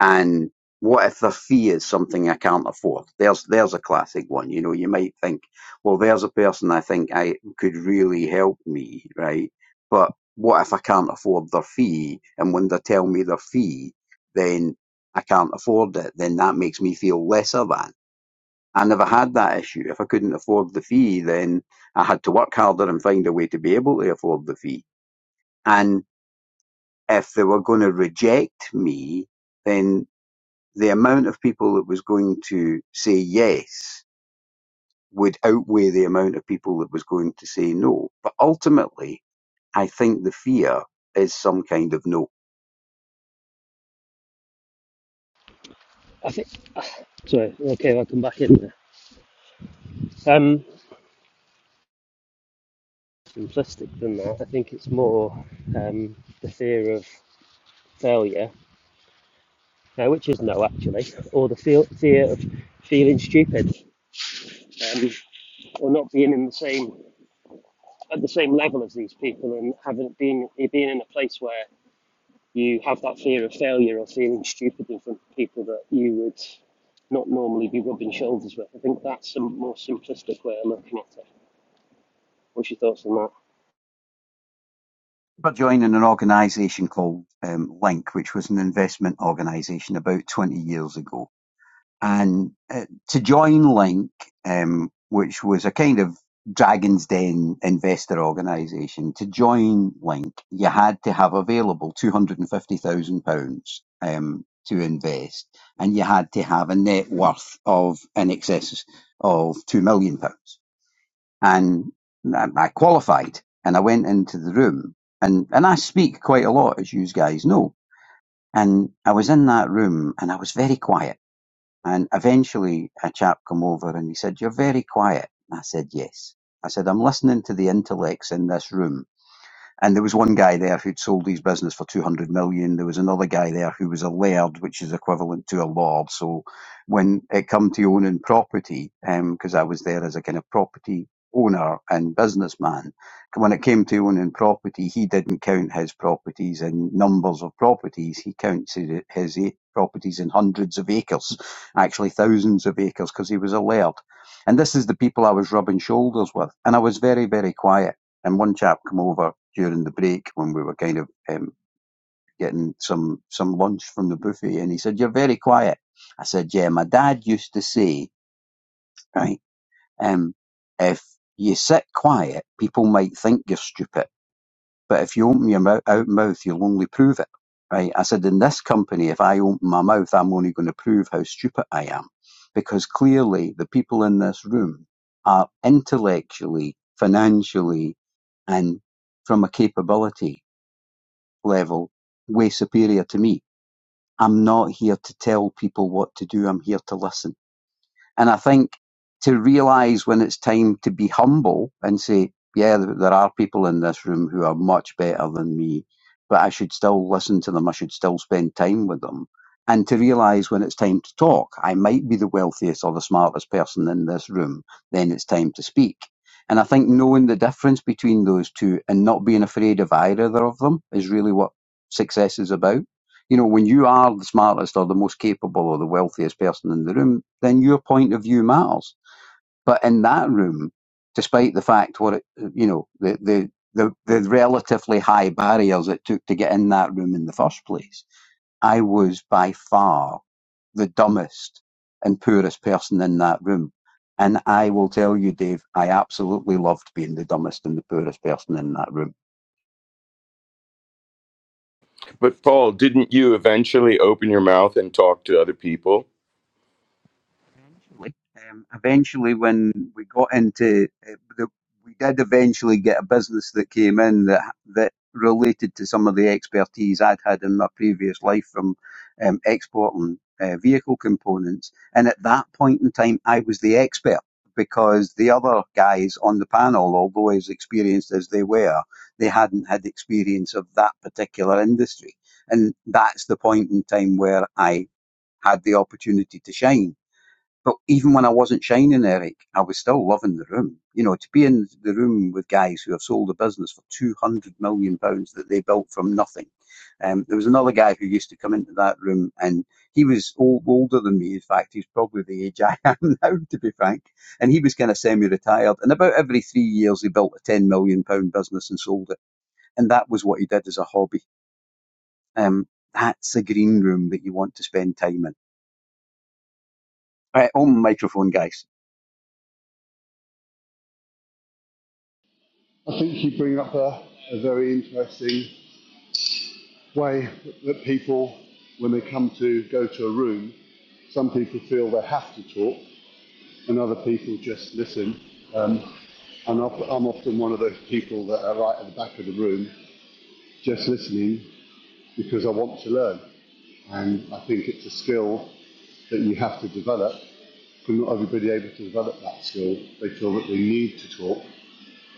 And what if the fee is something I can't afford? There's there's a classic one. You know, you might think, well, there's a person I think I could really help me, right? But what if I can't afford their fee? And when they tell me their fee, then I can't afford it. Then that makes me feel lesser than. I never had that issue. If I couldn't afford the fee, then I had to work harder and find a way to be able to afford the fee. And if they were going to reject me, then the amount of people that was going to say yes would outweigh the amount of people that was going to say no. But ultimately, I think the fear is some kind of no.
I think, sorry, okay, I'll come back in there. Um, simplistic than that. I think it's more um, the fear of failure, uh, which is no actually, or the feel, fear of feeling stupid, um, or not being in the same at the same level as these people, and having been being in a place where you have that fear of failure or feeling stupid in front of people that you would not normally be rubbing shoulders with. I think that's a more simplistic way of looking at it. What's your thoughts on that?
But joining an organisation called um, Link, which was an investment organisation about 20 years ago, and uh, to join Link, um, which was a kind of Dragon's Den investor organisation, to join Link, you had to have available two hundred and fifty thousand pounds um, to invest, and you had to have a net worth of in excess of two million pounds. And I I qualified, and I went into the room, and and I speak quite a lot, as you guys know. And I was in that room, and I was very quiet and eventually a chap come over and he said, You're very quiet. I said, Yes. I said, I'm listening to the intellects in this room and there was one guy there who'd sold his business for 200 million. There was another guy there who was a laird, which is equivalent to a lord. So when it come to owning property, because um, I was there as a kind of property owner and businessman, when it came to owning property, he didn't count his properties in numbers of properties. He counted his eight properties in hundreds of acres, actually thousands of acres, because he was a laird. And this is the people I was rubbing shoulders with. And I was very, very quiet and one chap come over during the break when we were kind of um, getting some some lunch from the buffet, and he said, "You're very quiet." I said, "Yeah, my dad used to say, right, um, if you sit quiet, people might think you're stupid." But if you open your mou- out mouth, you'll only prove it, right? I said, in this company, if I open my mouth, I'm only going to prove how stupid I am. Because clearly the people in this room are intellectually, financially, and from a capability level way superior to me. I'm not here to tell people what to do. I'm here to listen. And I think to realize when it's time to be humble and say, yeah, there are people in this room who are much better than me, but I should still listen to them. I should still spend time with them. And to realize when it's time to talk, I might be the wealthiest or the smartest person in this room, then it's time to speak. And I think knowing the difference between those two and not being afraid of either of them is really what success is about you know, when you are the smartest or the most capable or the wealthiest person in the room, then your point of view matters. But in that room, despite the fact what it, you know, the, the, the, the relatively high barriers it took to get in that room in the first place, I was by far the dumbest and poorest person in that room. And I will tell you, Dave, I absolutely loved being the dumbest and the poorest person in that room
But Paul, didn't you eventually open your mouth and talk to other people?
Eventually, um, eventually, when we got into, uh, the, we did eventually get a business that came in that that related to some of the expertise I'd had in my previous life from um, exporting uh, vehicle components. And at that point in time, I was the expert because the other guys on the panel, although as experienced as they were, they hadn't had experience of that particular industry. And that's the point in time where I had the opportunity to shine but even when I wasn't shining, Eric, I was still loving the room. You know, to be in the room with guys who have sold a business for two hundred million pounds that they built from nothing. Um, there was another guy who used to come into that room, and he was old, older than me. In fact, he's probably the age [laughs] I am now, to be frank. And he was kind of semi-retired. And about every three years, he built a ten million pound business and sold it. And that was what he did as a hobby. Um, that's a green room that you want to spend time in. All Right, on microphone, guys.
I think you bring up a, a very interesting way that people, when they come to go to a room, some people feel they have to talk and other people just listen. Um, and I'm often one of those people that are right at the back of the room just listening because I want to learn. And I think it's a skill that you have to develop. But not everybody able to develop that skill. They feel that they need to talk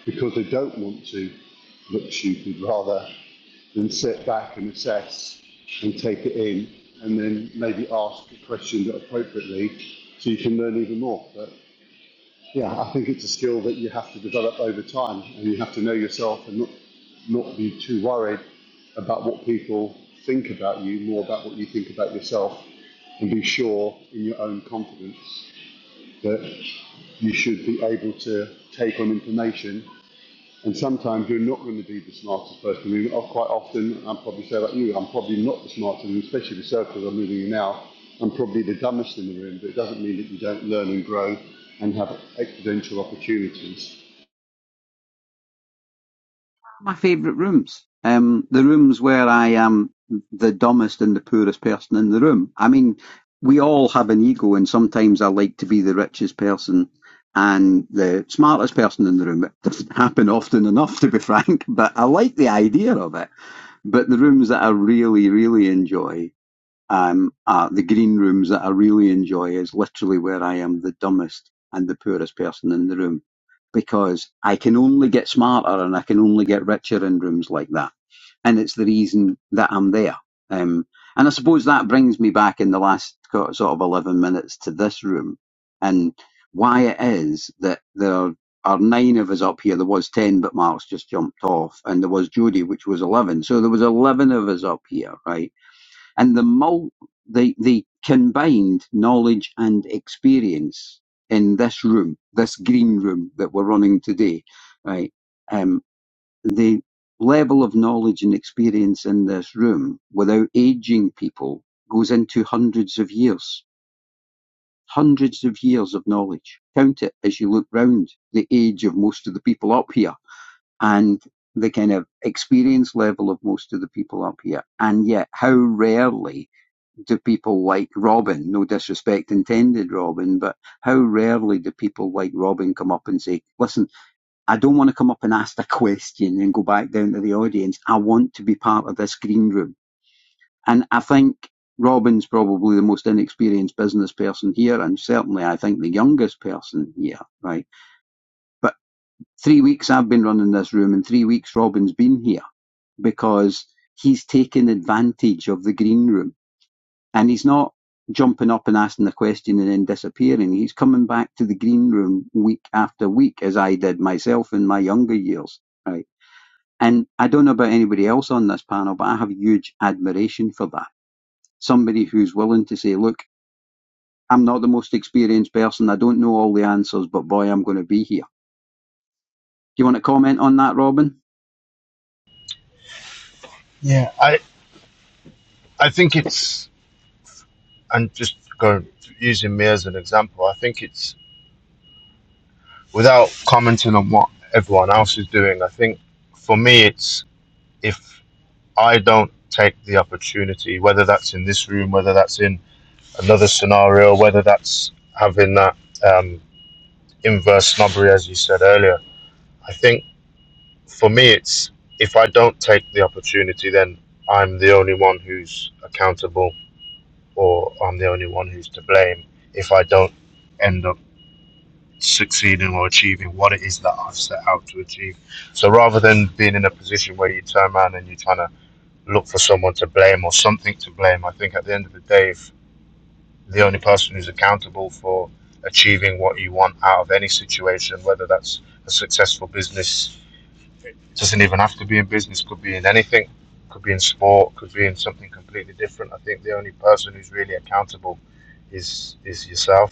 because they don't want to look stupid. Rather, and sit back and assess and take it in and then maybe ask questions appropriately so you can learn even more. But yeah, I think it's a skill that you have to develop over time and you have to know yourself and not, not be too worried about what people think about you, more about what you think about yourself and be sure in your own confidence that you should be able to take on information and sometimes you're not going to be the smartest person. I mean, oh, quite often, I'll probably say like you, I'm probably not the smartest, and especially the circles I'm moving in now, I'm probably the dumbest in the room, but it doesn't mean that you don't learn and grow and have exponential opportunities.
My favourite rooms. Um, the rooms where I am the dumbest and the poorest person in the room. I mean, we all have an ego, and sometimes I like to be the richest person and the smartest person in the room. It doesn't [laughs] happen often enough, to be [laughs] frank, but I like the idea of it. But the rooms that I really, really enjoy um, uh, the green rooms that I really enjoy is literally where I am the dumbest and the poorest person in the room because I can only get smarter and I can only get richer in rooms like that. And it's the reason that I'm there. Um, and I suppose that brings me back in the last co- sort of 11 minutes to this room and why it is that there are, are nine of us up here. There was 10, but Mark's just jumped off and there was Jodie, which was 11. So there was 11 of us up here, right? and the mul- the the combined knowledge and experience in this room, this green room that we're running today, right? Um, the level of knowledge and experience in this room, without aging people, goes into hundreds of years. Hundreds of years of knowledge. Count it as you look round the age of most of the people up here and the kind of experience level of most of the people up here. And yet, how rarely do people like Robin? No disrespect intended, Robin, but how rarely do people like Robin come up and say, listen, I don't want to come up and ask a question and go back down to the audience. I want to be part of this green room. And I think Robin's probably the most inexperienced business person here, and certainly I think the youngest person here, right? But three weeks I've been running this room, and three weeks Robin's been here because he's taken advantage of the green room And he's not jumping up and asking the question and then disappearing. He's coming back to the green room week after week, as I did myself in my younger years. Right. And I don't know about anybody else on this panel, but I have huge admiration for that. Somebody who's willing to say, look, I'm not the most experienced person. I don't know all the answers, but boy, I'm going to be here. Do you want to comment on that, Robin?
Yeah, I I think it's and just going using me as an example, I think it's without commenting on what everyone else is doing. I think for me, it's if I don't take the opportunity, whether that's in this room, whether that's in another scenario, whether that's having that um, inverse snobbery, as you said earlier. I think for me, it's if I don't take the opportunity, then I'm the only one who's accountable, or I'm the only one who's to blame if I don't end up succeeding or achieving what it is that I've set out to achieve. So rather than being in a position where you turn around and you're trying to look for someone to blame or something to blame, I think at the end of the day, if the only person who's accountable for achieving what you want out of any situation, whether that's a successful business, doesn't even have to be in business, could be in anything, could be in sport, could be in something completely different. I think the only person who's really accountable is is yourself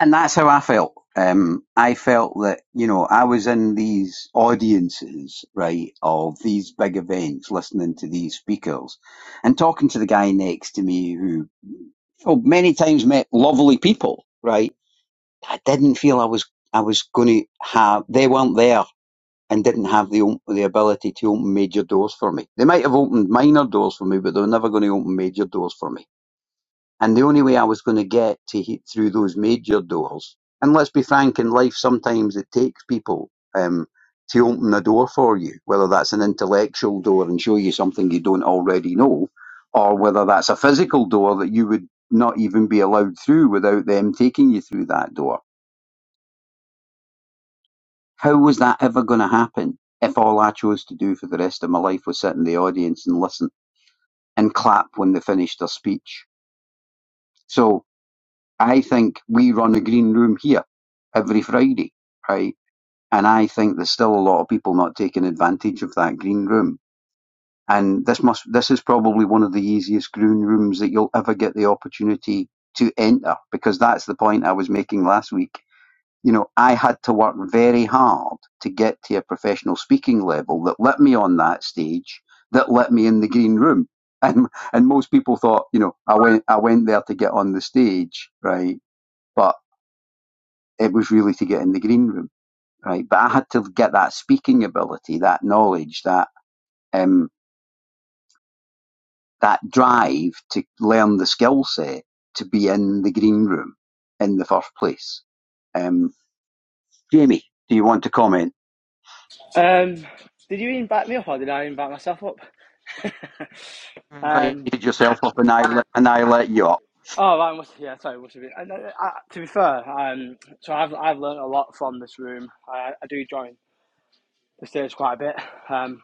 and that's how I felt. Um, I felt that you know I was in these audiences, right, of these big events, listening to these speakers, and talking to the guy next to me who, oh, many times met lovely people, right. I didn't feel I was I was going to have. They weren't there and didn't have the op- the ability to open major doors for me. They might have opened minor doors for me, but they were never going to open major doors for me and the only way I was going to get to he- through those major doors, and let's be frank, in life sometimes it takes people um, to open a door for you, whether that's an intellectual door and show you something you don't already know, or whether that's a physical door that you would not even be allowed through without them taking you through that door. How was that ever going to happen if all I chose to do for the rest of my life was sit in the audience and listen and clap when they finished their speech? So I think we run a green room here every Friday, right? And I think there's still a lot of people not taking advantage of that green room. And this must this is probably one of the easiest green rooms that you'll ever get the opportunity to enter because that's the point I was making last week. You know, I had to work very hard to get to a professional speaking level that let me on that stage, that let me in the green room. And and most people thought, you know, I went I went there to get on the stage, right? But it was really to get in the green room, right? But I had to get that speaking ability, that knowledge, that um, that drive to learn the skill set to be in the green room in the first place. Um, Jamie, do you want to comment?
Um, did you invite me up or did I invite myself up? [laughs]
You
um,
invited yourself up, and I let, and I let you up.
oh, right, must, yeah, sorry, must have been. And, uh, uh, to be fair, um, so I've, I've learned a lot from this room. I, I do join the stage quite a bit. Um,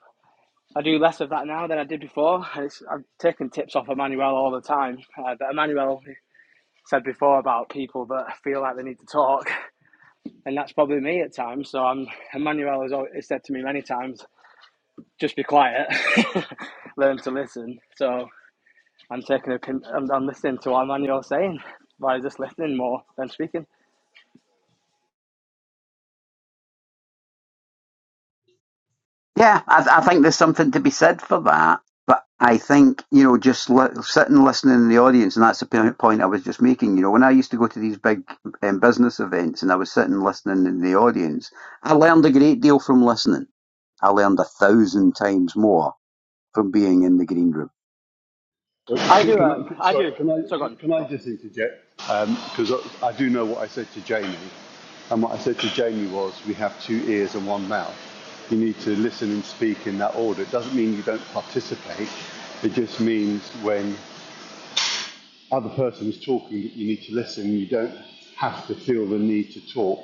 I do less of that now than I did before. It's, I've taken tips off Emmanuel all the time, uh, but Emmanuel said before about people that feel like they need to talk, and that's probably me at times. So I'm, Emmanuel has always said to me many times, just be quiet, [laughs] learn to listen. So I'm taking a con- I'm, I'm listening to what Emmanuel's saying by just listening more than speaking.
Yeah, I, I think there's something to be said for that. But I think, you know, just li- sitting listening in the audience, and that's the p- point I was just making. You know, when I used to go to these big um, business events and I was sitting listening in the audience, I learned a great deal from listening. I learned a thousand times more from being in the green room.
Uh,
I
Can,
do.
can
Um,
I,
I
sorry,
do.
can I,
So go on.
can, can
Go
I
on.
just interject? Because um, I, I do know what I said to Jamie, and what I said to Jamie was, we have two ears and one mouth. You need to listen and speak in that order. It doesn't mean you don't participate. It just means when other person is talking that you need to listen. You don't have to feel the need to talk.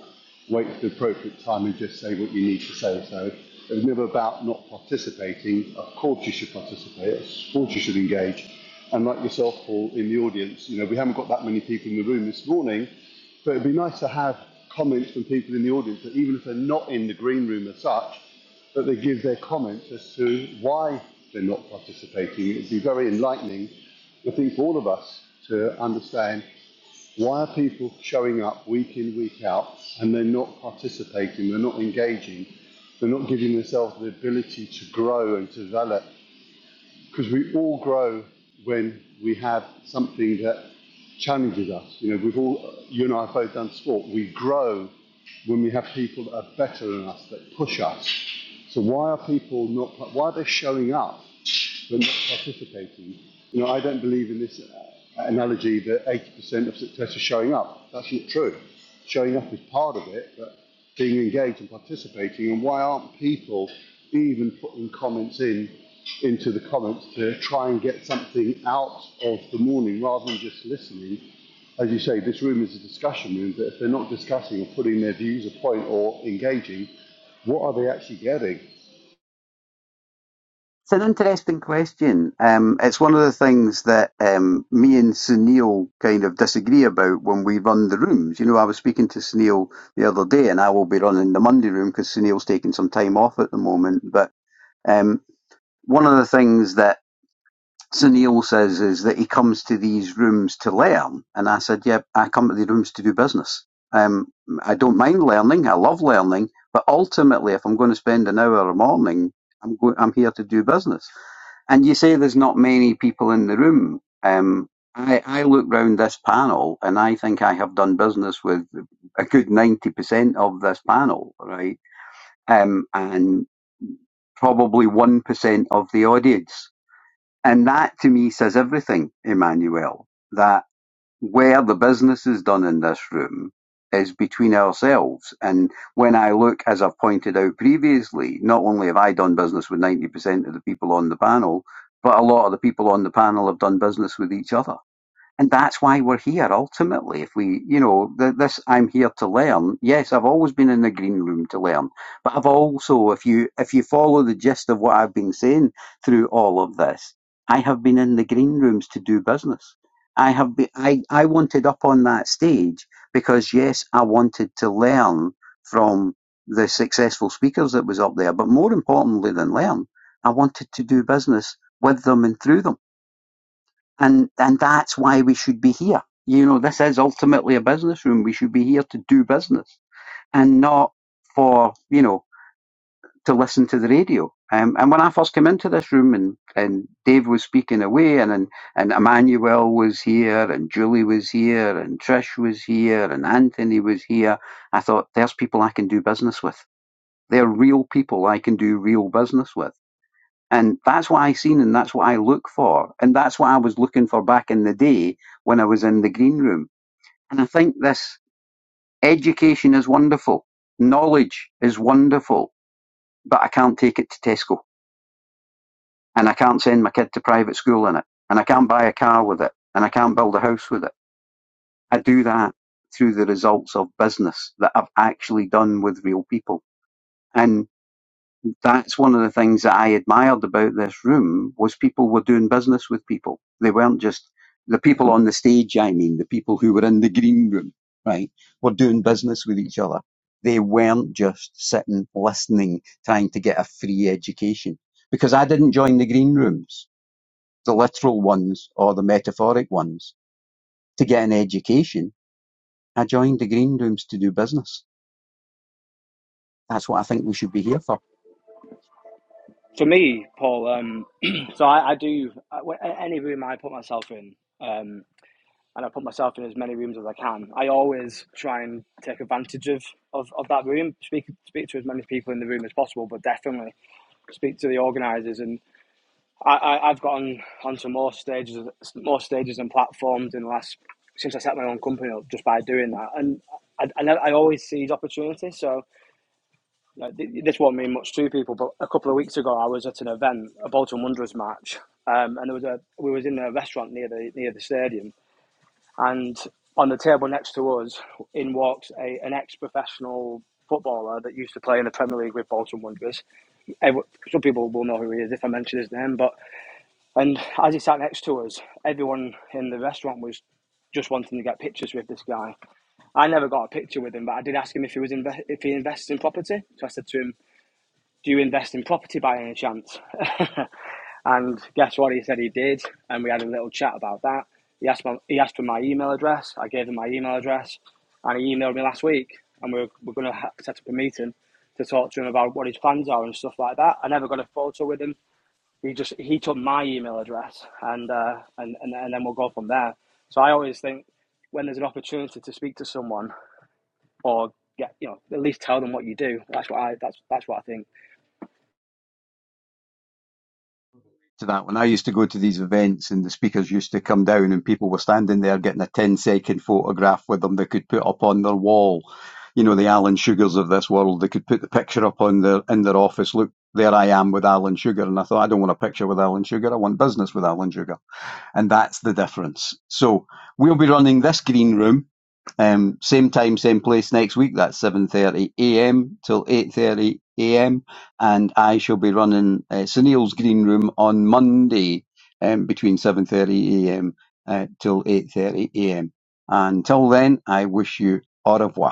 Wait for the appropriate time and just say what you need to say. So it was never about not participating. Of course you should participate. Of course you should engage. And like yourself, Paul, in the audience, you know, we haven't got that many people in the room this morning, but it'd be nice to have comments from people in the audience that even if they're not in the green room as such, that they give their comments as to why they're not participating. It would be very enlightening I think for all of us to understand why are people showing up week in, week out, and they're not participating, they're not engaging, they're not giving themselves the ability to grow and to develop because we all grow when we have something that challenges us. You know, we've all, you and I have both done sport. We grow when we have people that are better than us, that push us. So why are people not, why are they showing up but not participating? You know, I don't believe in this uh, analogy that 80% of success is showing up. That's not true. Showing up is part of it, but being engaged and participating, and why aren't people even putting comments in into the comments to try and get something out of the morning rather than just listening? As you say, this room is a discussion room, but if they're not discussing or putting their views a point or engaging, what are they actually getting?
It's an interesting question. Um, it's one of the things that um, me and Sunil kind of disagree about when we run the rooms. You know, I was speaking to Sunil the other day, and I will be running the Monday room because Sunil's taking some time off at the moment. But um, one of the things that Sunil says is that he comes to these rooms to learn, and I said, "Yeah, I come to the rooms to do business. Um, I don't mind learning. I love learning, but ultimately, if I'm going to spend an hour a morning, I'm go- I'm here to do business." And you say there's not many people in the room. Um, I, I look round this panel and I think I have done business with a good 90% of this panel, right? Um, and probably 1% of the audience. And that to me says everything, Emmanuel, that where the business is done in this room is between ourselves. And when I look, as I've pointed out previously, not only have I done business with 90% of the people on the panel, but a lot of the people on the panel have done business with each other and that's why we're here ultimately if we you know th- this i'm here to learn yes i've always been in the green room to learn but i've also if you if you follow the gist of what i've been saying through all of this i have been in the green rooms to do business i have been i, I wanted up on that stage because yes i wanted to learn from the successful speakers that was up there but more importantly than learn i wanted to do business with them and through them and and that's why we should be here. You know, this is ultimately a business room. We should be here to do business and not for you know to listen to the radio. Um, and when I first came into this room, and and Dave was speaking away, and and, and Emmanuel was here, and Julie was here, and Trish was here, and Anthony was here. I thought, there's people I can do business with. They're real people I can do real business with and that's what I seen and that's what I look for. And that's what I was looking for back in the day when I was in the green room. And I think this education is wonderful. Knowledge is wonderful, but I can't take it to Tesco and I can't send my kid to private school in it and I can't buy a car with it and I can't build a house with it. I do that through the results of business that I've actually done with real people. and. that's one of the things that I admired about this room was people were doing business with people. They weren't just the people on the stage. I mean, the people who were in the green room, right, were doing business with each other. They weren't just sitting, listening, trying to get a free education. Because I didn't join the green rooms, the literal ones or the metaphoric ones, to get an education. I joined the green rooms to do business. That's what I think we should be here for.
For me, Paul. Um, [clears throat] so I, I do. I, when- any room I put myself in, um, and I put myself in as many rooms as I can. I always try and take advantage of, of, of that room. Speak speak to as many people in the room as possible, but definitely speak to the organisers. and. I, I I've gotten onto more stages, more stages and platforms in the last since I set my own company up just by doing that, and I I, I always seize opportunities. So you know, th- this won't mean much to people, but a couple of weeks ago I was at an event, a Bolton Wanderers match, um, and there was a we was in a restaurant near the near the stadium, and on the table next to us in walks a, an ex-professional footballer that used to play in the Premier League with Bolton Wanderers. Some people will know who he is if I mention his name, but and as he sat next to us, everyone in the restaurant was just wanting to get pictures with this guy. I never got a picture with him, but I did ask him if he was inve- if he invests in property. So I said to him, "Do you invest in property by any chance?" [laughs] and guess what? He said he did, and we had a little chat about that. He asked my, he asked for my email address. I gave him my email address, and he emailed me last week, and we're we're going to set up a meeting to talk to him about what his plans are and stuff like that. I never got a photo with him he just he took my email address and uh, and, and and then we'll go from there. So I always think when there's an opportunity to speak to someone or get you know at least tell them what you do. That's what I that's that's what I think.
to that when I used to go to these events and the speakers used to come down and people were standing there getting a ten-second photograph with them they could put up on their wall. You know, the Alan Sugars of this world, they could put the picture up on their in their office. Look, there I am with Alan Sugar. And I thought, I don't want a picture with Alan Sugar. I want business with Alan Sugar and that's the difference. So we'll be running this green room, um, same time, same place next week. That's seven thirty a.m. till eight thirty a.m. And I shall be running uh, Sunil's green room on Monday um, between seven thirty a.m. Uh, till eight thirty a.m. Until then, I wish you au revoir.